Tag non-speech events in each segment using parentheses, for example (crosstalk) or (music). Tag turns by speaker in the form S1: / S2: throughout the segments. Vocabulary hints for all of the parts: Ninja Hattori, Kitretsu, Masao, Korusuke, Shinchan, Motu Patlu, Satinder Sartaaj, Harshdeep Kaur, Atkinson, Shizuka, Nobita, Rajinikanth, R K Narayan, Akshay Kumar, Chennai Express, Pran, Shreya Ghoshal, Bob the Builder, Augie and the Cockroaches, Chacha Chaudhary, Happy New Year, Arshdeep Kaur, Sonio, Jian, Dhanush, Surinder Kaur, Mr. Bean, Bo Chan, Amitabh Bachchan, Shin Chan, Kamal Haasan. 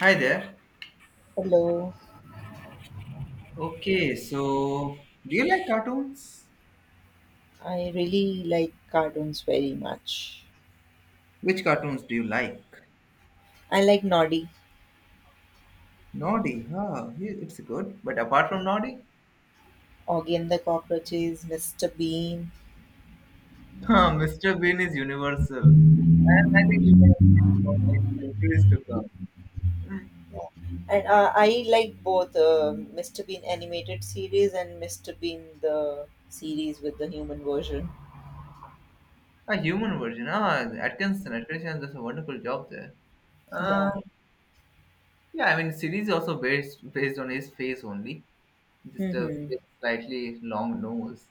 S1: Hi there.
S2: Hello.
S1: Okay, so do you like cartoons?
S2: I really like cartoons very much.
S1: Which cartoons do you like?
S2: I like Noddy,
S1: Naughty, huh? It's good. But apart from Naughty,
S2: Augie and the Cockroaches, Mr. Bean,
S1: (laughs) Mr. Bean is universal. And I think we're gonna speak for like centuries to come. Hmm,
S2: and I like both Mr. Bean animated series and Mr. Bean the series with the human version.
S1: A human version. Ah, Atkinson. Atkinson does a wonderful job there. Uh,
S2: Yeah.
S1: yeah, I mean, series also based on his face only, just a
S2: Mm-hmm.
S1: slightly long nose.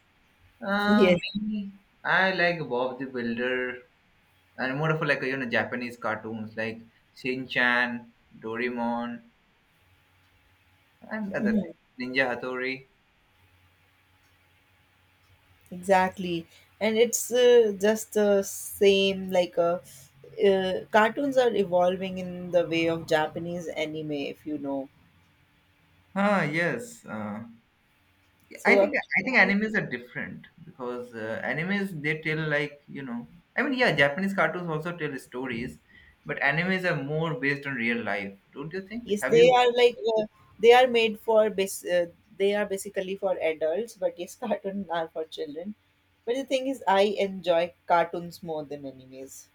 S2: Yes.
S1: Me, I like Bob the Builder and more of like Japanese cartoons like Shin Chan, Doraemon, and other things.
S2: Mhm.
S1: Ninja Hattori.
S2: Exactly, and it's just the same like a. Cartoons are evolving in the way of Japanese anime, if you know.
S1: Ah yes, I
S2: So, uh,
S1: think I think animes are different because animes, they tell like I mean, yeah, Japanese cartoons also tell stories, but animes are more based on real life. Don't you think?
S2: Yes,
S1: Have
S2: they
S1: you?
S2: are like they are made for they are basically for adults, but yes, (laughs) cartoons are for children. But the thing is, I enjoy cartoons more than animes.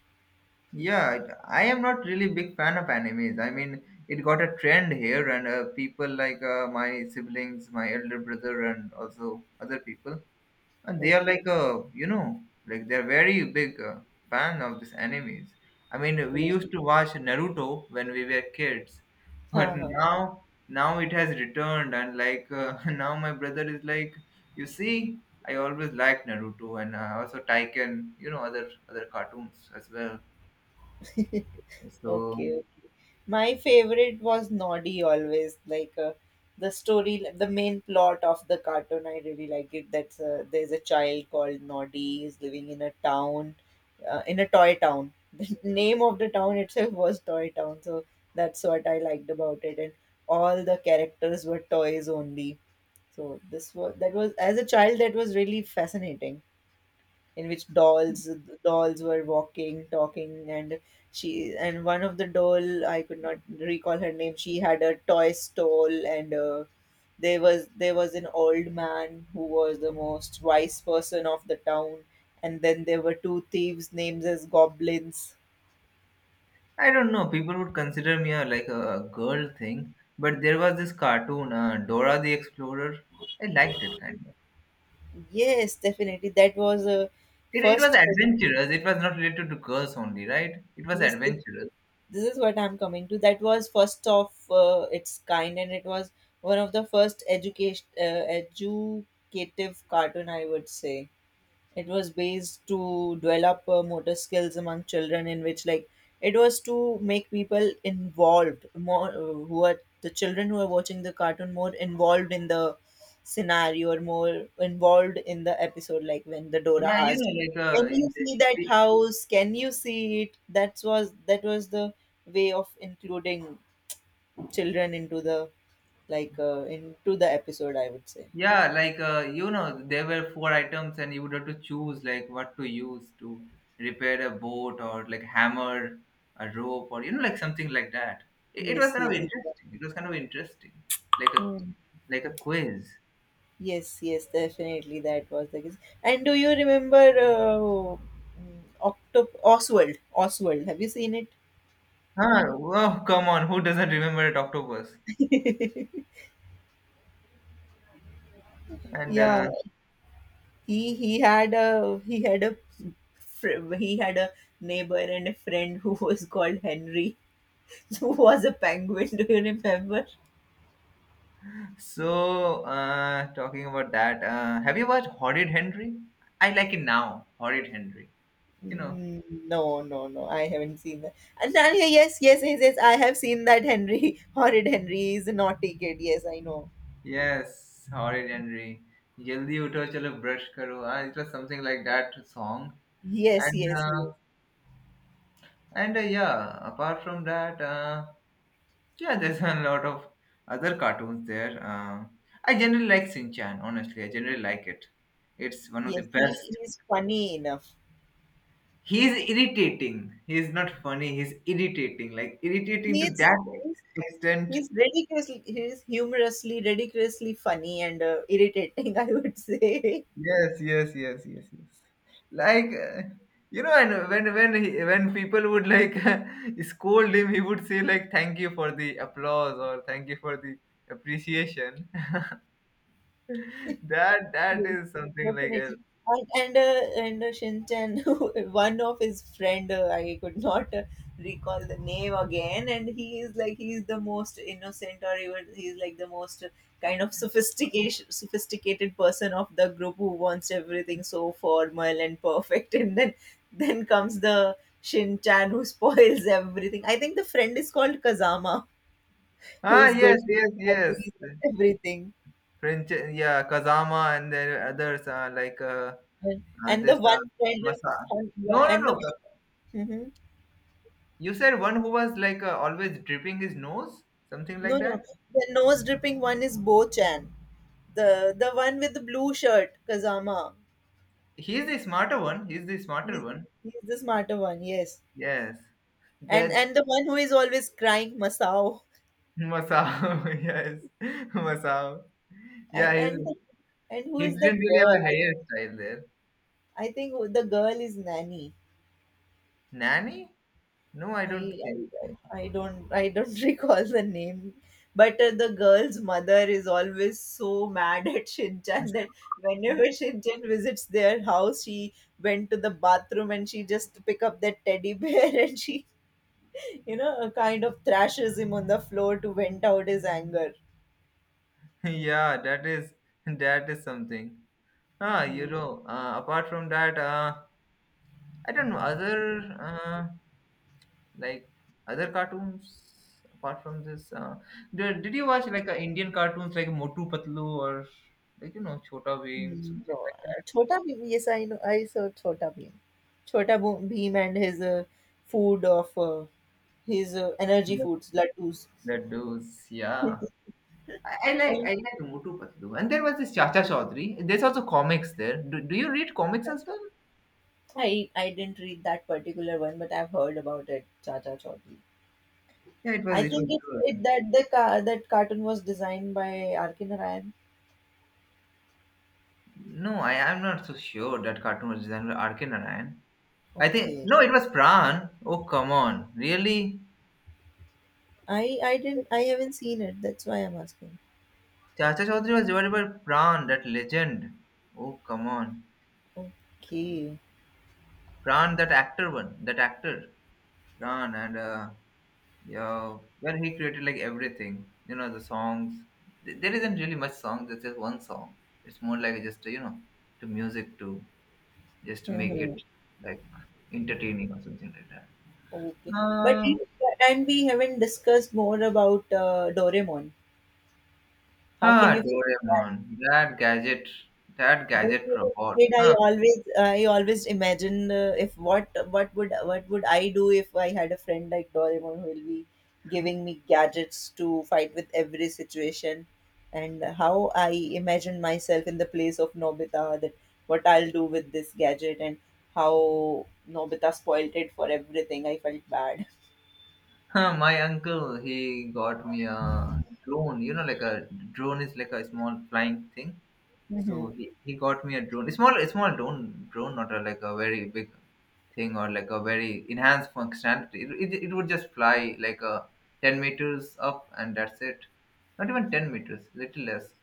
S1: Yeah, I am not really big fan of animes. I mean, it got a trend here, and people like my siblings, my elder brother, and also other people, and they are like a like they're very big fan of these enemies. I mean, we
S2: Okay.
S1: used
S2: (laughs)
S1: to watch Naruto when we were kids, but
S2: Uh-huh.
S1: now it has returned and like (laughs) now my brother is like, you see, I always liked Naruto and also Taiken, you know, other cartoons as well. So
S2: Okay. My favorite was Noddy always like the story, the main plot of the cartoon, I really like it. That's there's a child called Noddy. He's living in a town, in a toy town. (laughs) The name of the town itself was toy town, so that's what I liked about it. And all the characters were toys only, so this was that was as a child, that was really fascinating, in which dolls were walking, talking, and she and one of the doll, I could not recall her name. She had a toy stole, and there was an old man who was the most wise person of the town, and then there were two thieves named as goblins.
S1: I don't know, people would consider me a, like a girl thing, but there was this cartoon, Dora the Explorer. I liked it kind of.
S2: Yes, definitely that was a
S1: It was
S2: first.
S1: adventurous. It was not related to girls only, right? It was
S2: Yes, yes.
S1: adventurous.
S2: This is what I'm coming to. That was first of its kind, and it was one of the first education educative cartoon, I would say. It was based to develop motor skills among children, in which like it was to make people involved more, who are the children who are watching the cartoon more involved in the scenario or more involved in the episode. Like when the Dora
S1: Yeah,
S2: asked, "Can you see that house? Can you see it?" That was the way of including children into the like into the episode, I would say.
S1: yeah, like you know, there were four items, and you would have to choose like what to use to repair a boat, or like hammer, a rope, or you know, like something like that. It was
S2: Yes,
S1: kind of
S2: yes. Exactly.
S1: interesting. It was kind of interesting, like a, like a quiz.
S2: Yes, yes, definitely that was the case. And do you remember Octop Oswald? Oswald, have you seen it?
S1: Huh? Oh, come on, who doesn't remember it, Octopus?
S2: (laughs)
S1: And
S2: Yeah, he had a fr- he had a neighbor and a friend who was called Henry, (laughs) who was a penguin. Do you remember?
S1: Talking about that, have you watched Horrid Henry? I like it now. Horrid Henry. You know,
S2: Mm, no, no, no. I haven't seen that. And then, yeah, yes, yes, yes, yes, I have seen that Henry. (laughs) Horrid Henry is a naughty kid. Yes, I know.
S1: yes, Horrid Henry. Jaldi utho, chalo brush karo. It was something like that song.
S2: Yes,
S1: And
S2: yes,
S1: uh,
S2: yes.
S1: and Yeah, apart from that, yeah, there's a lot of other cartoons there. I generally like Shin Chan. Honestly, I generally like it. It's one of the
S2: Yes, he
S1: best.
S2: is funny enough.
S1: He is irritating. He is not funny. He's irritating. Like irritating
S2: He
S1: to
S2: is,
S1: that
S2: he's,
S1: extent.
S2: he's ridiculously, he's humorously, ridiculously funny and irritating, (laughs) I would say.
S1: Yes, yes, yes, yes, yes. Like you know, and when people would like (laughs) scold him, he would say like, "Thank you for the applause," or "Thank you for the appreciation." (laughs) That that
S2: Yes,
S1: is something like else.
S2: definitely. And Shinchan, (laughs) one of his friend, I could not recall the name again, and he is like he's the most innocent, or even he's like the most kind of sophistication, sophisticated person of the group who wants everything so formal and perfect, (laughs) and then comes the Shinchan who (laughs) spoils everything. I think the friend is called Kazama, (laughs) who
S1: Ah,
S2: is good
S1: yes,
S2: with
S1: yes,
S2: (laughs)
S1: yes.
S2: studies and everything.
S1: French, yeah, Kazama, and then others are like
S2: Yeah. And the
S1: this
S2: one friend,
S1: Masa.
S2: and, yeah,
S1: No, no,
S2: and
S1: no.
S2: the. Mhm.
S1: You said one who was like always dripping his nose, something like
S2: No, no,
S1: that.
S2: the nose dripping one is Bo Chan, the one with the blue shirt, Kazama.
S1: He's the smarter one. He's the smarter
S2: He's,
S1: one.
S2: he's the smarter one, yes.
S1: Yes. That
S2: And the one who is always crying, Masao.
S1: Masao. (laughs) Yes, Masao. Yeah, he's,
S2: And the, and who
S1: he
S2: is
S1: didn't
S2: that
S1: really have
S2: girl?
S1: a hairstyle there.
S2: I think the girl is Nanny.
S1: Nanny? No, I
S2: I
S1: don't think.
S2: I don't (laughs) recall the name, but the girl's mother is always so mad at (laughs) Shinchan that whenever
S1: (laughs)
S2: Shinchan visits their house, she went to the bathroom, and she just pick up that teddy bear (laughs) and she, you know, kind of thrashes him on the floor to vent out his anger.
S1: Yeah, that is something. Ah, you
S2: Mhm.
S1: know, apart from that, I don't know other. Like other cartoons apart from this, did you watch like Indian cartoons like Motu Patlu or like you know Chota Bheem,
S2: Mhm. No,
S1: something like
S2: Chhota Bheem. Yes, I know. I saw Chhota Bheem. Bheem and his food of his energy
S1: that.
S2: foods, laddus.
S1: Laddus, yeah. I like Motu Patlu, and there was this Chacha Chaudhary. There's also comics there. Do you read comics as well?
S2: I didn't read that particular one, but I've heard about it. Cha Cha Chaudhary.
S1: Yeah,
S2: I
S1: it was
S2: think it
S1: good.
S2: that the car that cartoon was designed by R.K. Narayan.
S1: No, I am not so sure that cartoon was designed by RK Narayan. I think
S2: Okay.
S1: no, it was Pran. Oh, come on, really?
S2: I haven't seen it. That's why I'm asking.
S1: Chacha Chaudhary was divided by Pran, that legend. Oh, come on.
S2: Okay.
S1: Pran, that actor one. That actor. Pran and, uh, yeah, where he created like everything. You know, the songs. There isn't really much song. There's just one song. It's more like just, you know, to music to just to make it
S2: Mhm.
S1: like entertaining or something like that.
S2: Okay. But
S1: Uh,
S2: you, and we haven't discussed more about Doraemon. How can you feel that?
S1: Doraemon. That gadget. That
S2: When
S1: gadget
S2: I was
S1: robot.
S2: a kid, I
S1: Ah,
S2: always I always imagine if what would I do if I had a friend like Doraemon who will be giving me gadgets to fight with every situation, and how I imagine myself in the place of Nobita, that what I'll do with this gadget and how Nobita spoiled it for everything. I felt bad.
S1: huh, my uncle, he got me a drone. You know, like a drone is like a small flying thing.
S2: Mm-hmm.
S1: So he got me a drone. It's small, a small drone, drone, not a, like a very big thing or like a very enhanced functionality. It would just fly like a 10 meters up, and that's it. Not even 10 meters, little less.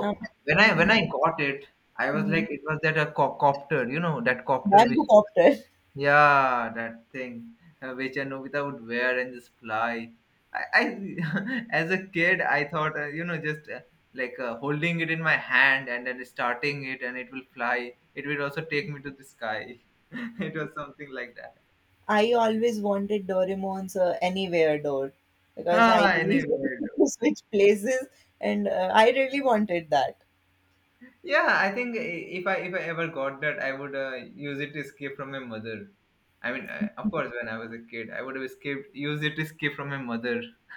S2: Um,
S1: when I got it, I was
S2: mm-hmm.
S1: like, it was that a copter, you know, that copter which,
S2: Bamboo copter.
S1: yeah, that thing which a Nobita would wear and just fly. I (laughs) As a kid, I thought you know just holding it in my hand and then starting it, and it will fly. It will also take me to the sky. (laughs) It was something like that.
S2: I always wanted Doraemon's Anywhere Door, because I
S1: Ah,
S2: really
S1: anyway.
S2: (laughs) wanted to switch places and I really wanted that.
S1: Yeah, I think i- if I if I ever got that, I would use it to escape from my mother. I mean, of course, when I was a kid, I would have escaped, used it to escape from my mother. (laughs)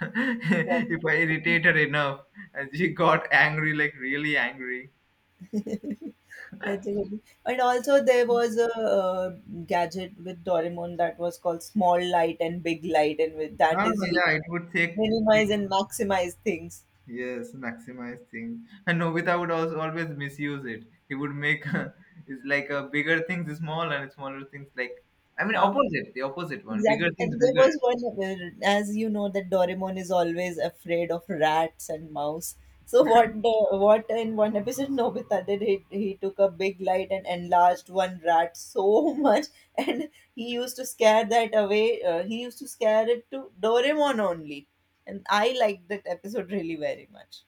S2: Yeah.
S1: If I irritate her enough, and she got angry, like really angry.
S2: (laughs) That's
S1: (laughs)
S2: a good. And also, there was a gadget with Doraemon that was called small light and big light, and with
S1: Oh,
S2: that is you
S1: yeah, it would take, take
S2: minimize and maximize things.
S1: yes, maximize things. And Nobita would also always misuse it. He would make (laughs) it's like a bigger things small and smaller things like, I mean
S2: Uh,
S1: opposite, the opposite one. Bigger
S2: Exactly. And
S1: things
S2: there
S1: bigger.
S2: was one, where, as you know, that Doraemon is always afraid of rats and mouse. So what in one episode (laughs) Nobita did, he took a big light and enlarged one rat so (laughs) much, and he used to scare that away. He used to scare it to Doraemon only, and I liked that episode really very much.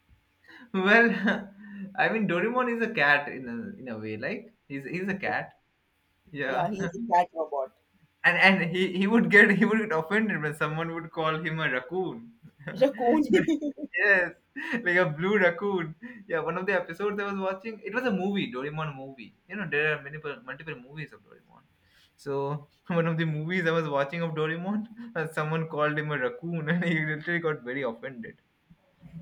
S1: Well, (laughs) I mean, Doraemon is a cat in a way. Like he's a cat.
S2: Yeah,
S1: Yeah,
S2: he's a
S1: (laughs)
S2: cat robot.
S1: and he would get, he would get offended when someone would call him a raccoon.
S2: Raccoon. (laughs)
S1: (laughs) Yes, like a blue raccoon. Yeah, one of the episodes I was watching, it was a movie, Doraemon movie. You know, there are many multiple movies of Doraemon. So (laughs) one of the movies I was watching of Doraemon, (laughs) someone called him a raccoon, (laughs) and he literally got very offended.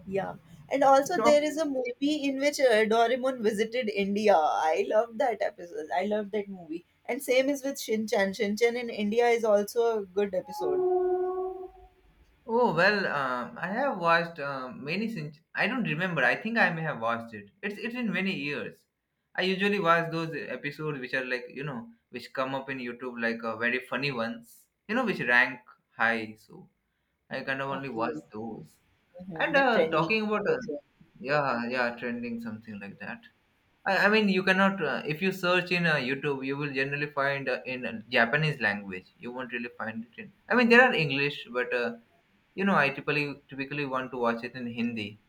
S2: Yeah. And also, there is a movie in which Doraemon visited India. I loved that episode. I loved that movie. And same is with Shin Chan. Shin Chan in India is also a good episode.
S1: Oh well, I have watched many, since I don't remember. I think I may have watched it. It's been many years. I usually watch those episodes which are like you know which come up in YouTube like very funny ones. You know, which rank high. So I kind of only watch
S2: Okay.
S1: those.
S2: Hmm,
S1: And
S2: the trending.
S1: talking about yeah, yeah, trending, something like that. I mean you cannot, if you search in YouTube, you will generally find in Japanese language. You won't really find it in. I mean, there are English but. You know, I typically want to watch it in Hindi.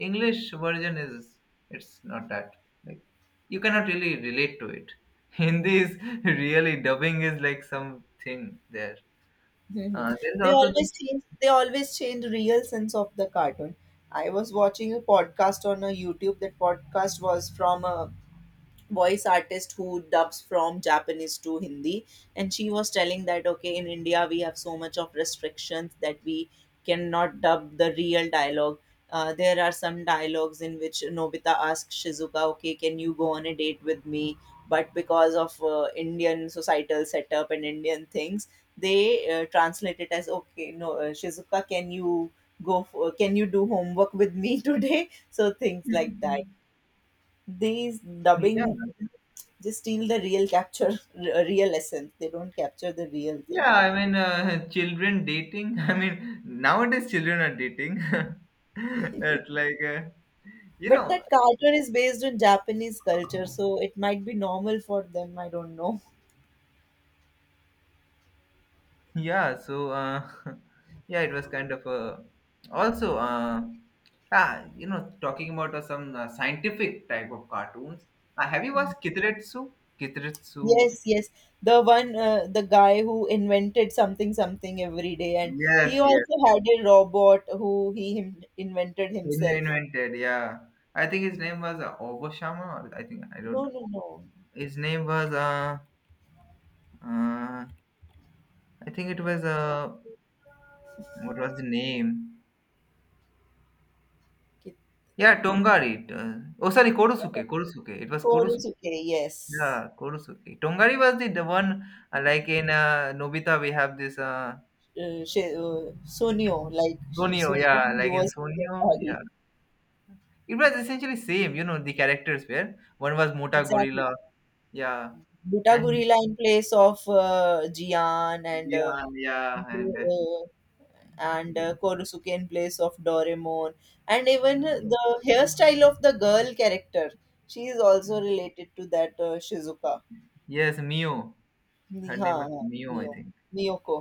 S1: English version is, it's not that like you cannot really relate to it. (laughs) Hindi is really, dubbing is like something there.
S2: Mm-hmm.
S1: There's
S2: They
S1: also the,
S2: always change. They always change real sense of the cartoon. I was watching a podcast on a YouTube. That podcast was from a voice artist who dubs from Japanese to Hindi. And she was telling that, okay, in India, we have so much of restrictions that we cannot dub the real dialogue. There are some dialogues in which Nobita asks Shizuka, okay, can you go on a date with me? But because of Indian societal setup and Indian things, they translate it as, okay, no, Shizuka, can you go for, can you do homework with me (laughs) today? So things like that. These
S1: yeah,
S2: dubbing just steal the real capture, real essence. They don't capture the real thing.
S1: yeah, I mean (laughs) children dating. I mean, nowadays children are dating (laughs) at like you
S2: But
S1: know.
S2: that cartoon is based on Japanese culture, so it might be normal for them. I don't know. (laughs)
S1: Yeah, so (laughs) yeah, it was kind of a, also you know, talking about some scientific type of cartoons. Have you watched Kitretsu? Kitretsu.
S2: Yes, yes. The one, the guy who invented something, something every day, and he
S1: Yes, yes,
S2: also had a robot who he him invented himself.
S1: invented. Yeah, I think his name was Obashama. Or I think I don't.
S2: No, no, no.
S1: His name was uh I think it was what was the name?
S2: Kit-
S1: Yeah, Tongari. Oh, sorry, Korosuke. Korosuke. It was Korosuke.
S2: Korusuke, yes.
S1: Yeah, Korosuke. Tongari was the one like in Nobita we have this
S2: She, Sonio, like
S1: Sonio,
S2: Sonio,
S1: yeah,
S2: he
S1: like in
S2: was. uh,
S1: Sonio, yeah. It was
S2: Mm,
S1: essentially same, you know, the characters were one was Mota
S2: exactly.
S1: Gorilla, yeah,
S2: Buta
S1: and
S2: Gorilla in place of Jian
S1: yeah, yeah,
S2: and
S1: and
S2: uh, and Korusuke in place of Doraemon, and even
S1: yeah.
S2: the hairstyle of the girl character. She is also related to that Shizuka.
S1: Yes, Mio. Her
S2: Ni- ha,
S1: name was
S2: ha,
S1: Mio, I
S2: Miyo,
S1: think.
S2: Miyoko.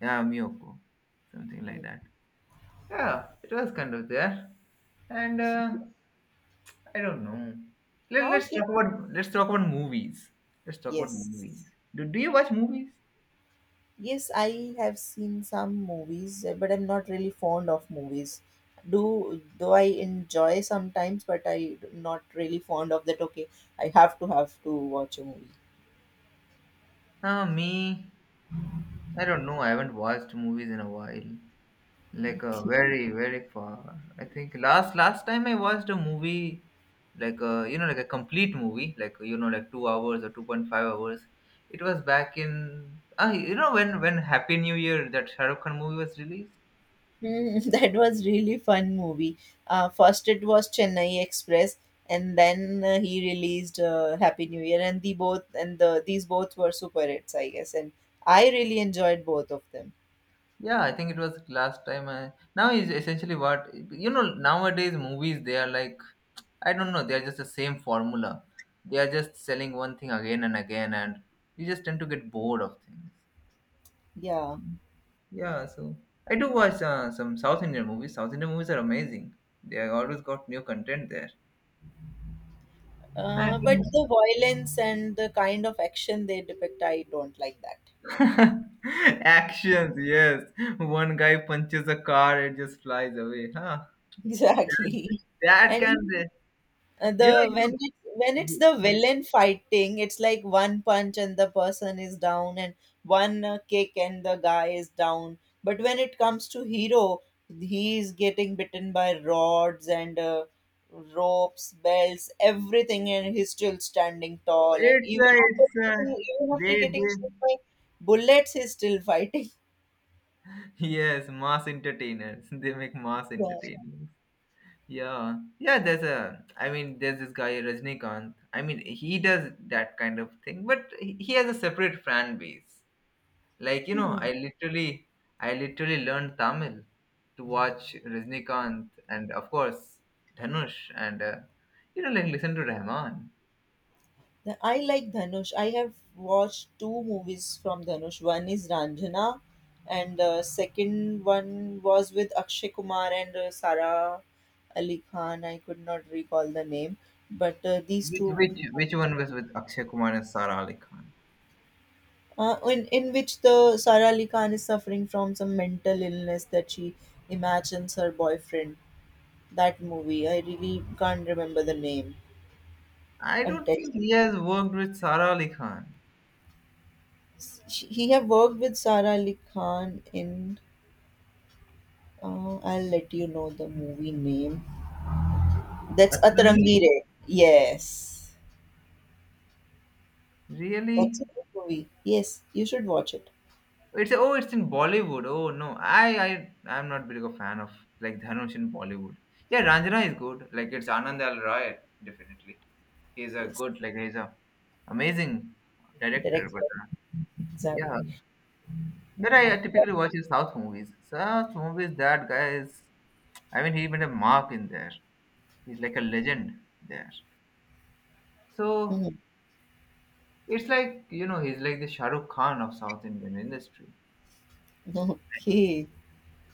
S1: Yeah, Miyoko, something like
S2: Mm.
S1: that. Yeah, it was kind of there, and I don't know.
S2: How can
S1: Let's talk about movies. Let's talk about movies.
S2: yes?
S1: Do you watch movies?
S2: Yes, I have seen some movies, but I'm not really fond of movies. Do though I enjoy sometimes, but I not really fond of that. Okay, I have to watch a movie.
S1: Me, I don't know. I haven't watched movies in a while. Like very far. I think last time I watched a movie, like you know, like a complete movie, like you know, like 2 hours or 2.5 hours. It was back in ah you know when Happy New Year that Shah Rukh Khan movie was released.
S2: Hmm, (laughs) that was really fun movie. First it was Chennai Express, and then he released Happy New Year, and the these both were super hits, I guess, and I really enjoyed both of them.
S1: Yeah, I think it was last time. I now is essentially what you know nowadays movies they are like, I don't know, they are just the same formula. They are just selling one thing again and again, and you just tend to get bored of things.
S2: Yeah.
S1: Yeah, so I do watch some South Indian movies. South Indian movies are amazing. They are always got new content there.
S2: But
S1: And
S2: the violence and the kind of action they depict, I don't like that.
S1: (laughs) actions, yes. One guy punches a car, it just flies away. Huh?
S2: (laughs) Exactly.
S1: That, that can,
S2: And
S1: you
S2: the
S1: know,
S2: when it, when
S1: you
S2: it's
S1: know.
S2: the villain fighting, it's like one punch and the person is down, and one kick and the guy is down. But when it comes to hero, he is getting bitten by rods and ropes, belts, everything, and he's still standing tall. And even after
S1: It's a.
S2: even after getting
S1: They
S2: shot by bullets, he's still fighting.
S1: Yes, mass entertainers. (laughs) They make mass
S2: Yeah.
S1: entertainers. Yeah, yeah. There's a. I mean, there's this guy Rajnikant. I mean, he does that kind of thing, but he has a separate fan base. Like you know,
S2: Mhm.
S1: I literally learned Tamil to watch Rajnikant, and of course Dhanush and you know, like listen to Rahman.
S2: I like Dhanush. I have watched two movies from Dhanush. One is Ranjana, and second one was with Akshay Kumar and Sara Ali Khan. I could not recall the name, but these
S1: Which
S2: two
S1: which
S2: movies
S1: which
S2: are
S1: one was
S2: very-
S1: with Akshay Kumar and Sara Ali Khan?
S2: in which the Sara Ali Khan is suffering from some mental illness that she imagines her boyfriend. That movie, I really can't remember the name.
S1: I
S2: I'll
S1: don't
S2: tell
S1: think
S2: you.
S1: he has worked with Sara Ali Khan.
S2: She, he have worked with Sara Ali Khan in. I'll let you know the movie name. That's
S1: Atlangi?
S2: Atarangi Re. Yes, that's a
S1: Really?
S2: good movie. Yes, you should watch it.
S1: It's in Bollywood. Oh no, I'm not big of a fan of like Dhanush in Bollywood. Yeah, Ranjana is good. Like it's Anand Al Roy definitely. He's a
S2: Yes,
S1: good like he's a amazing director.
S2: direct.
S1: Yeah,
S2: Exactly.
S1: but I typically watch his South movies. South movies, that guy is. I mean, he made a mark in there. He's like a legend there. So
S2: Mhm.
S1: it's like you know he's like the Shahrukh Khan of South Indian industry.
S2: (laughs) Okay.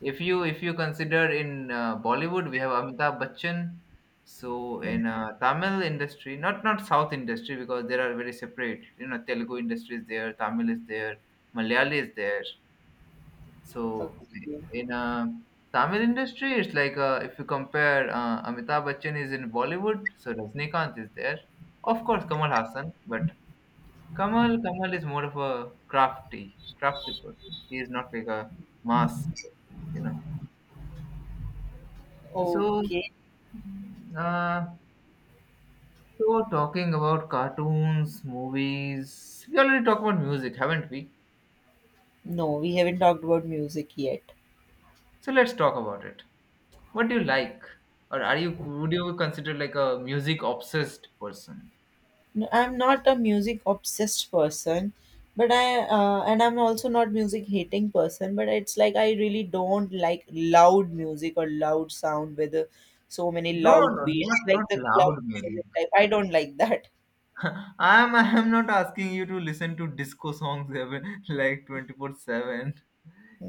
S1: If you consider in Bollywood, we have Amitabh Bachchan. So
S2: Mm-hmm.
S1: in Tamil industry, not South industry, because there are very separate. You know, Telugu industry is there, Tamil is there, Malayali is there. So
S2: Okay.
S1: in Tamil industry, it's like if you compare Amitabh Bachchan is in Bollywood, so Rajnikanth is there. Of course, Kamal Hassan, but Kamal is more of a crafty person. He is not like a mass, you know. So,
S2: Okay.
S1: uh, so talking about cartoons, movies, we already talked about music, haven't we?
S2: No, we haven't talked about music yet.
S1: So let's talk about it. What do you like, or are you would you consider like a music obsessed person?
S2: No, I'm not a music obsessed person, but I and I'm also not music hating person, but it's like I really don't like loud music or loud sound with so many
S1: No,
S2: loud
S1: no, not
S2: beats like
S1: not
S2: the club
S1: loud
S2: music
S1: music.
S2: type. I don't like that.
S1: (laughs) I'm not asking you to listen to disco songs every like 24/7.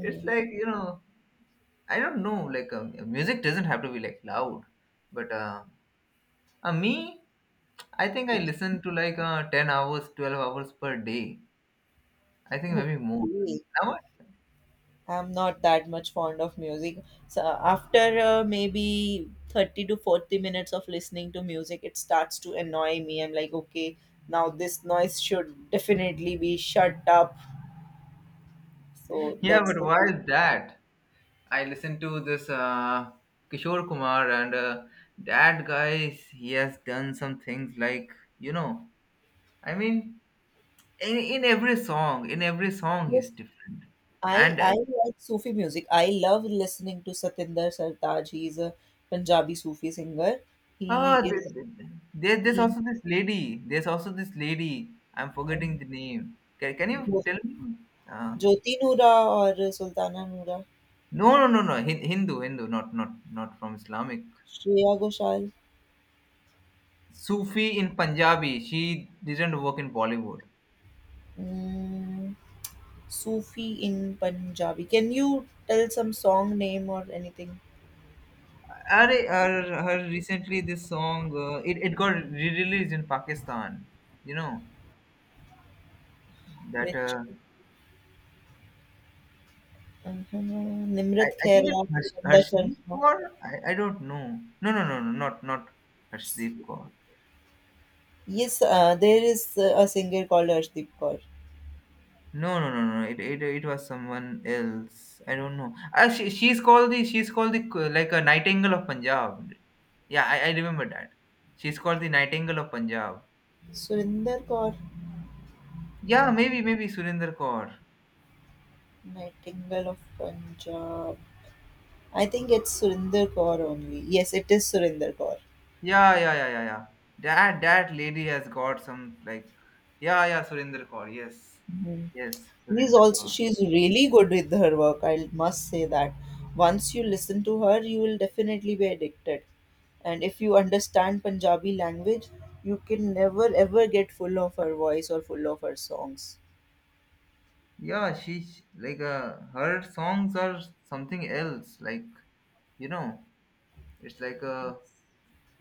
S1: It's like, you know, I don't know, like music doesn't have to be like loud, but me, I think I listen to like 10 hours, 12 hours per day. I think maybe more.
S2: Okay.
S1: Now
S2: I'm not that much fond of music. So after maybe 30 to 40 minutes of listening to music, it starts to annoy me. I'm like, okay, now this noise should definitely be shut up. So
S1: yeah,
S2: that's
S1: but
S2: the
S1: why
S2: thing.
S1: is that? I listen to this Kishore Kumar, and that guy, he has done some things like, you know, I mean, in every song he's
S2: Yes,
S1: different
S2: I
S1: and
S2: I like Sufi music. I love listening to Satinder Sartaaj. He's a Punjabi Sufi singer. He
S1: oh
S2: is
S1: there's
S2: he
S1: also this lady, I'm forgetting
S2: um,
S1: the name. Can you
S2: Jo-
S1: tell me? uh,
S2: Jyoti Noora or Sultana Noora,
S1: no no no no Hindu, not from Islamic.
S2: Shreya Ghoshal,
S1: Sufi in Punjabi, she didn't work in Bollywood.
S2: mm, Sufi in Punjabi. Can you tell some song name or anything?
S1: Her recently, this song, it got re-released in Pakistan, you know, that
S2: Which uh-huh,
S1: I,
S2: Nimrat
S1: I think
S2: Khaira,
S1: it's
S2: Surinder
S1: Harshdeep
S2: Sharma.
S1: Kaur. I don't know. No, not Harshdeep Kaur.
S2: Yes, there is a singer called Arshdeep Kaur.
S1: No, no, no, no. It was someone else. I don't know. Ah, she's called the like a Nightingale of Punjab. Yeah, I remember that. She's called the Nightingale of Punjab.
S2: Surinder Kaur.
S1: Yeah, maybe Surinder Kaur.
S2: Nightingale of Punjab. I think it's Surinder Kaur only. Yes, it is Surinder Kaur.
S1: Yeah. That lady has got some like yeah, yeah, Surinder Kaur. Yes,
S2: Mhm.
S1: yes,
S2: He's
S1: Surinder
S2: also
S1: Kaur.
S2: She's really good with her work. I must say that. Once you listen to her, you will definitely be addicted. And if you understand Punjabi language, you can never ever get full of her voice or full of her songs.
S1: Yeah, she's like her songs are something else, like you know, it's like a,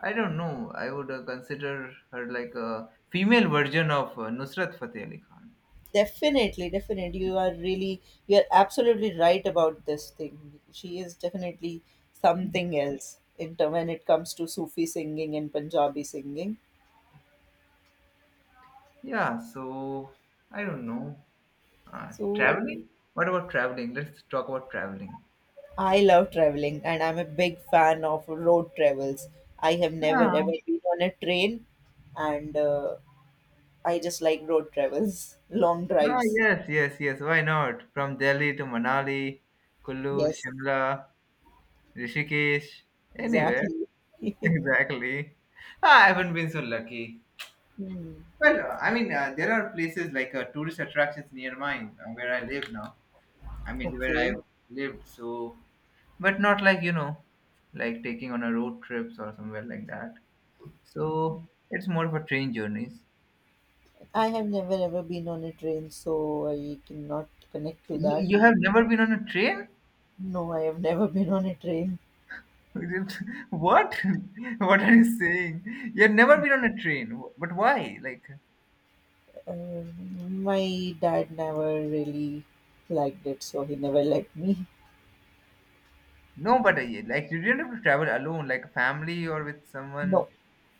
S1: I don't know, I would consider her like a female version of Nusrat Fateh Ali Khan.
S2: Definitely, definitely. You are really, you're absolutely right about this thing. She is definitely something else in term when it comes to Sufi singing and Punjabi singing.
S1: Yeah, so I don't know.
S2: So
S1: Traveling, what about traveling? Let's talk about traveling.
S2: I love traveling and I'm a big fan of road travels. I have never ever
S1: Ah,
S2: been on a train, and I just like road travels, (laughs) long
S1: ah
S2: drives.
S1: yes yes yes, why not? From Delhi to Manali, Kullu,
S2: Yes,
S1: Shimla, Rishikesh, anywhere.
S2: exactly.
S1: (laughs)
S2: (laughs)
S1: Exactly. Ah, I haven't been so lucky.
S2: Hmm.
S1: Well, I mean, there are places like tourist attractions near mine where I live now. I mean, where I
S2: Okay.
S1: lived, so, but not like, you know, like taking on a road trips or somewhere like that. So it's more of a train journeys.
S2: I have never ever been on a train, so I cannot connect to
S1: You,
S2: that.
S1: you have never been on a train?
S2: No, I have never (laughs) been on a train.
S1: (laughs) What? (laughs) What are you saying? You've never been on a train, but why? Like,
S2: Uh, my dad never really liked it, so he never liked me.
S1: no, nobody, like, you didn't have to travel alone, like a family or with someone.
S2: No,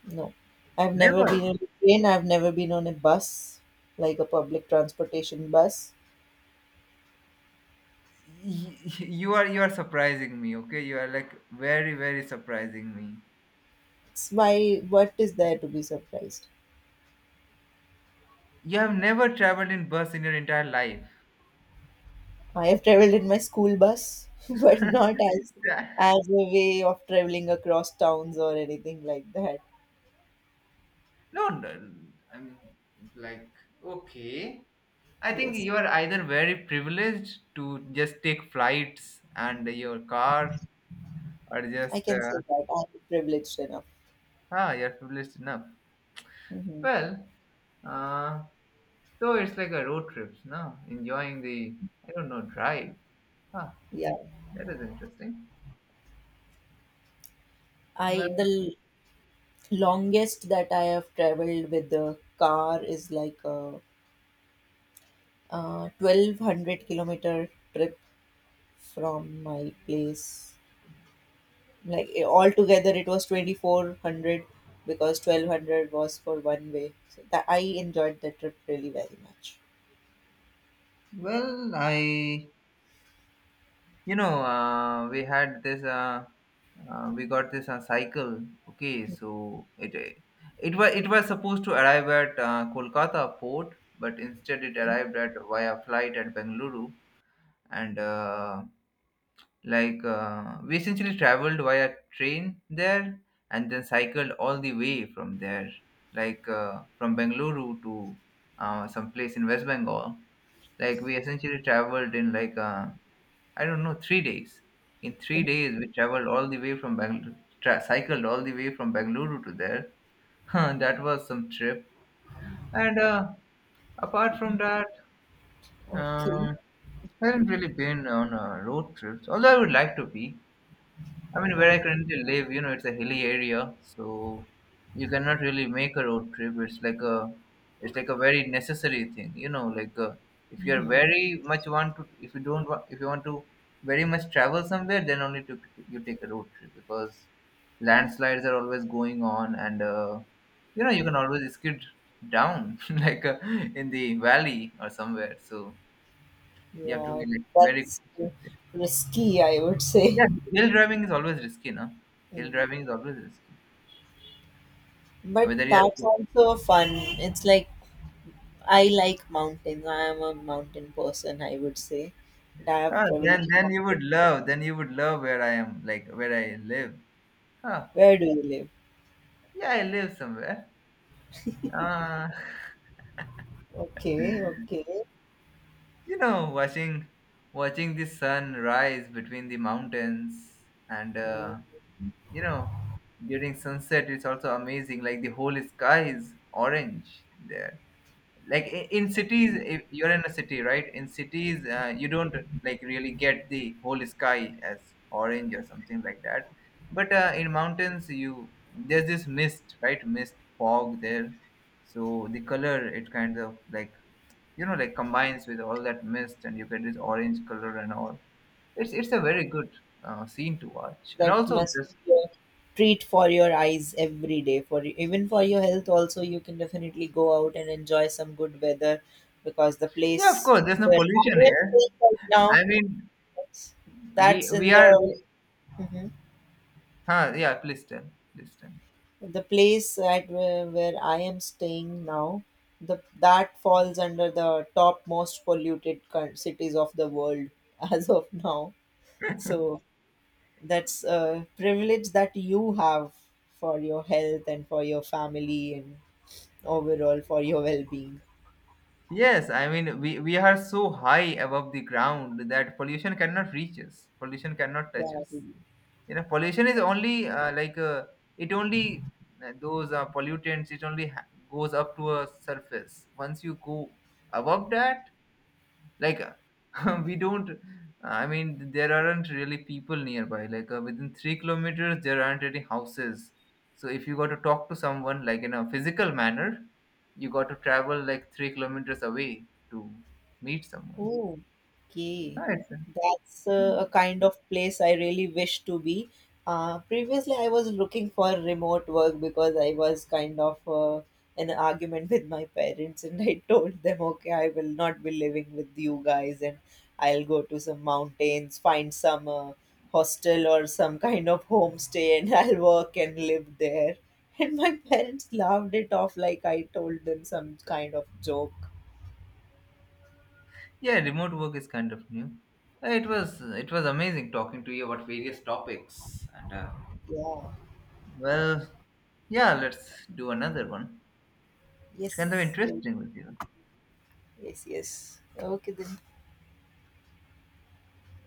S2: no. I've never
S1: Never.
S2: been on a train. I've never been on a bus, like a public transportation bus.
S1: You are, you are surprising me. Okay, you are like very very surprising me.
S2: It's why, what is there to be surprised?
S1: You have never traveled in bus in your entire life?
S2: I have traveled in my school bus, (laughs) but
S1: (laughs)
S2: not as
S1: Yeah.
S2: as a way of traveling across towns or anything like that.
S1: No, no, I'm like, okay, I think
S2: Yes.
S1: you are either very privileged to just take flights and your car, or
S2: I
S1: just
S2: can say that I'm privileged enough.
S1: ah, you're privileged enough.
S2: Hmm.
S1: Well, uh so it's like a road trips, no? Enjoying the, I don't know, drive. Ah,
S2: Yeah.
S1: that is interesting.
S2: I the
S1: Well.
S2: l- longest that I have traveled with the car is like a, 1200 kilometer trip from my place. Like eh, altogether, it was 2400 because 1200 was for one way. So that I enjoyed the trip really very much.
S1: Well, I, you know, we had this, we got this cycle. Okay, so it was, it was supposed to arrive at Kolkata port, but instead it
S2: Okay.
S1: arrived at via flight at Bengaluru, and like we essentially traveled via train there, and then cycled all the way from there, like from Bengaluru to some place in West Bengal. Like we essentially traveled in like. I don't know, 3 days. In 3 days, we traveled all the way from Bangalore, cycled all the way from Bangalore to there. (laughs) That was some trip. And apart from that,
S2: Okay.
S1: um I haven't really been on road trips, although I would like to be. I mean, where
S2: Oh,
S1: I currently live, you know, it's a hilly area, so you cannot really make a road trip. It's like a very necessary thing, you know. Like if you are
S2: mhm.
S1: very much want to, if you don't want, if you want to very much travel somewhere, then only to, you take a road trip, because landslides are always going on, and you know, you can always skid down (laughs) like in the valley or somewhere. So you have to
S2: Yeah,
S1: be like very
S2: that's
S1: cautious.
S2: risky, I would say.
S1: Yeah, hill driving is always risky, no? Hill
S2: Mm.
S1: driving is always risky.
S2: But
S1: Whether you
S2: that's
S1: are,
S2: also fun. It's like I like mountains. I am a mountain person, I would say. And I have
S1: ah,
S2: traveled to
S1: then you
S2: mountains.
S1: would love, then you would love where I am, like where I live. Huh.
S2: Where do you live?
S1: Yeah, I live somewhere. Uh,
S2: Okay, okay.
S1: (laughs) you know, watching the sun rise between the mountains, and
S2: Mm.
S1: you know, during sunset it's also amazing, like the whole sky is orange there. Like in cities, if you're in a city, right, in cities you don't like really get the whole sky as orange or something like that. But in mountains, you, there's this mist, right? Mist, fog there. So the color, it kind of like, you know, like combines with all that mist, and you get this orange color and all. It's a very good scene to watch. And
S2: That
S1: also
S2: must
S1: this
S2: be a treat for your eyes every day. For even for your health also, you can definitely go out and enjoy some good weather because the
S1: yeah, of
S2: place
S1: course, there's no
S2: where
S1: pollution
S2: I am
S1: here.
S2: staying right
S1: I
S2: now,
S1: mean, we
S2: that's
S1: we
S2: in
S1: are,
S2: the Mhm.
S1: huh, yeah, please tell, please tell.
S2: The place at where I am staying now, the that falls under the top most polluted coun- cities of the world (laughs) as of now. So that's a privilege that you have for your health and for your family and overall for your well-being.
S1: Yes, I mean, we are so high above the ground that pollution cannot reach us. Pollution cannot touch
S2: Yeah.
S1: us. You know, pollution is only like it only those pollutants. It only goes up to a surface. Once you go above that, like (laughs) we don't, I mean, there aren't really people nearby, like within 3 kilometers there aren't any houses, so if you got to talk to someone like in a physical manner, you got to travel like 3 kilometers away to meet someone.
S2: Oh, okay.
S1: Ah,
S2: That's a kind of place I really wish to be. Previously, I was looking for remote work because I was kind of in an argument (laughs) with my parents, and I (laughs) told them, okay, I will not be living with you guys, and I'll go to some mountains, find some hostel or some kind of homestay, and (laughs) I'll work and live there. And my parents laughed it off like I told them some kind of joke.
S1: yeah, remote work is kind of new. It was, it was amazing talking to you about various topics, and
S2: Yeah.
S1: well, yeah, let's do another one. It's kind of
S2: Yes, we'll
S1: interesting with you.
S2: Yes, yes. Okay then.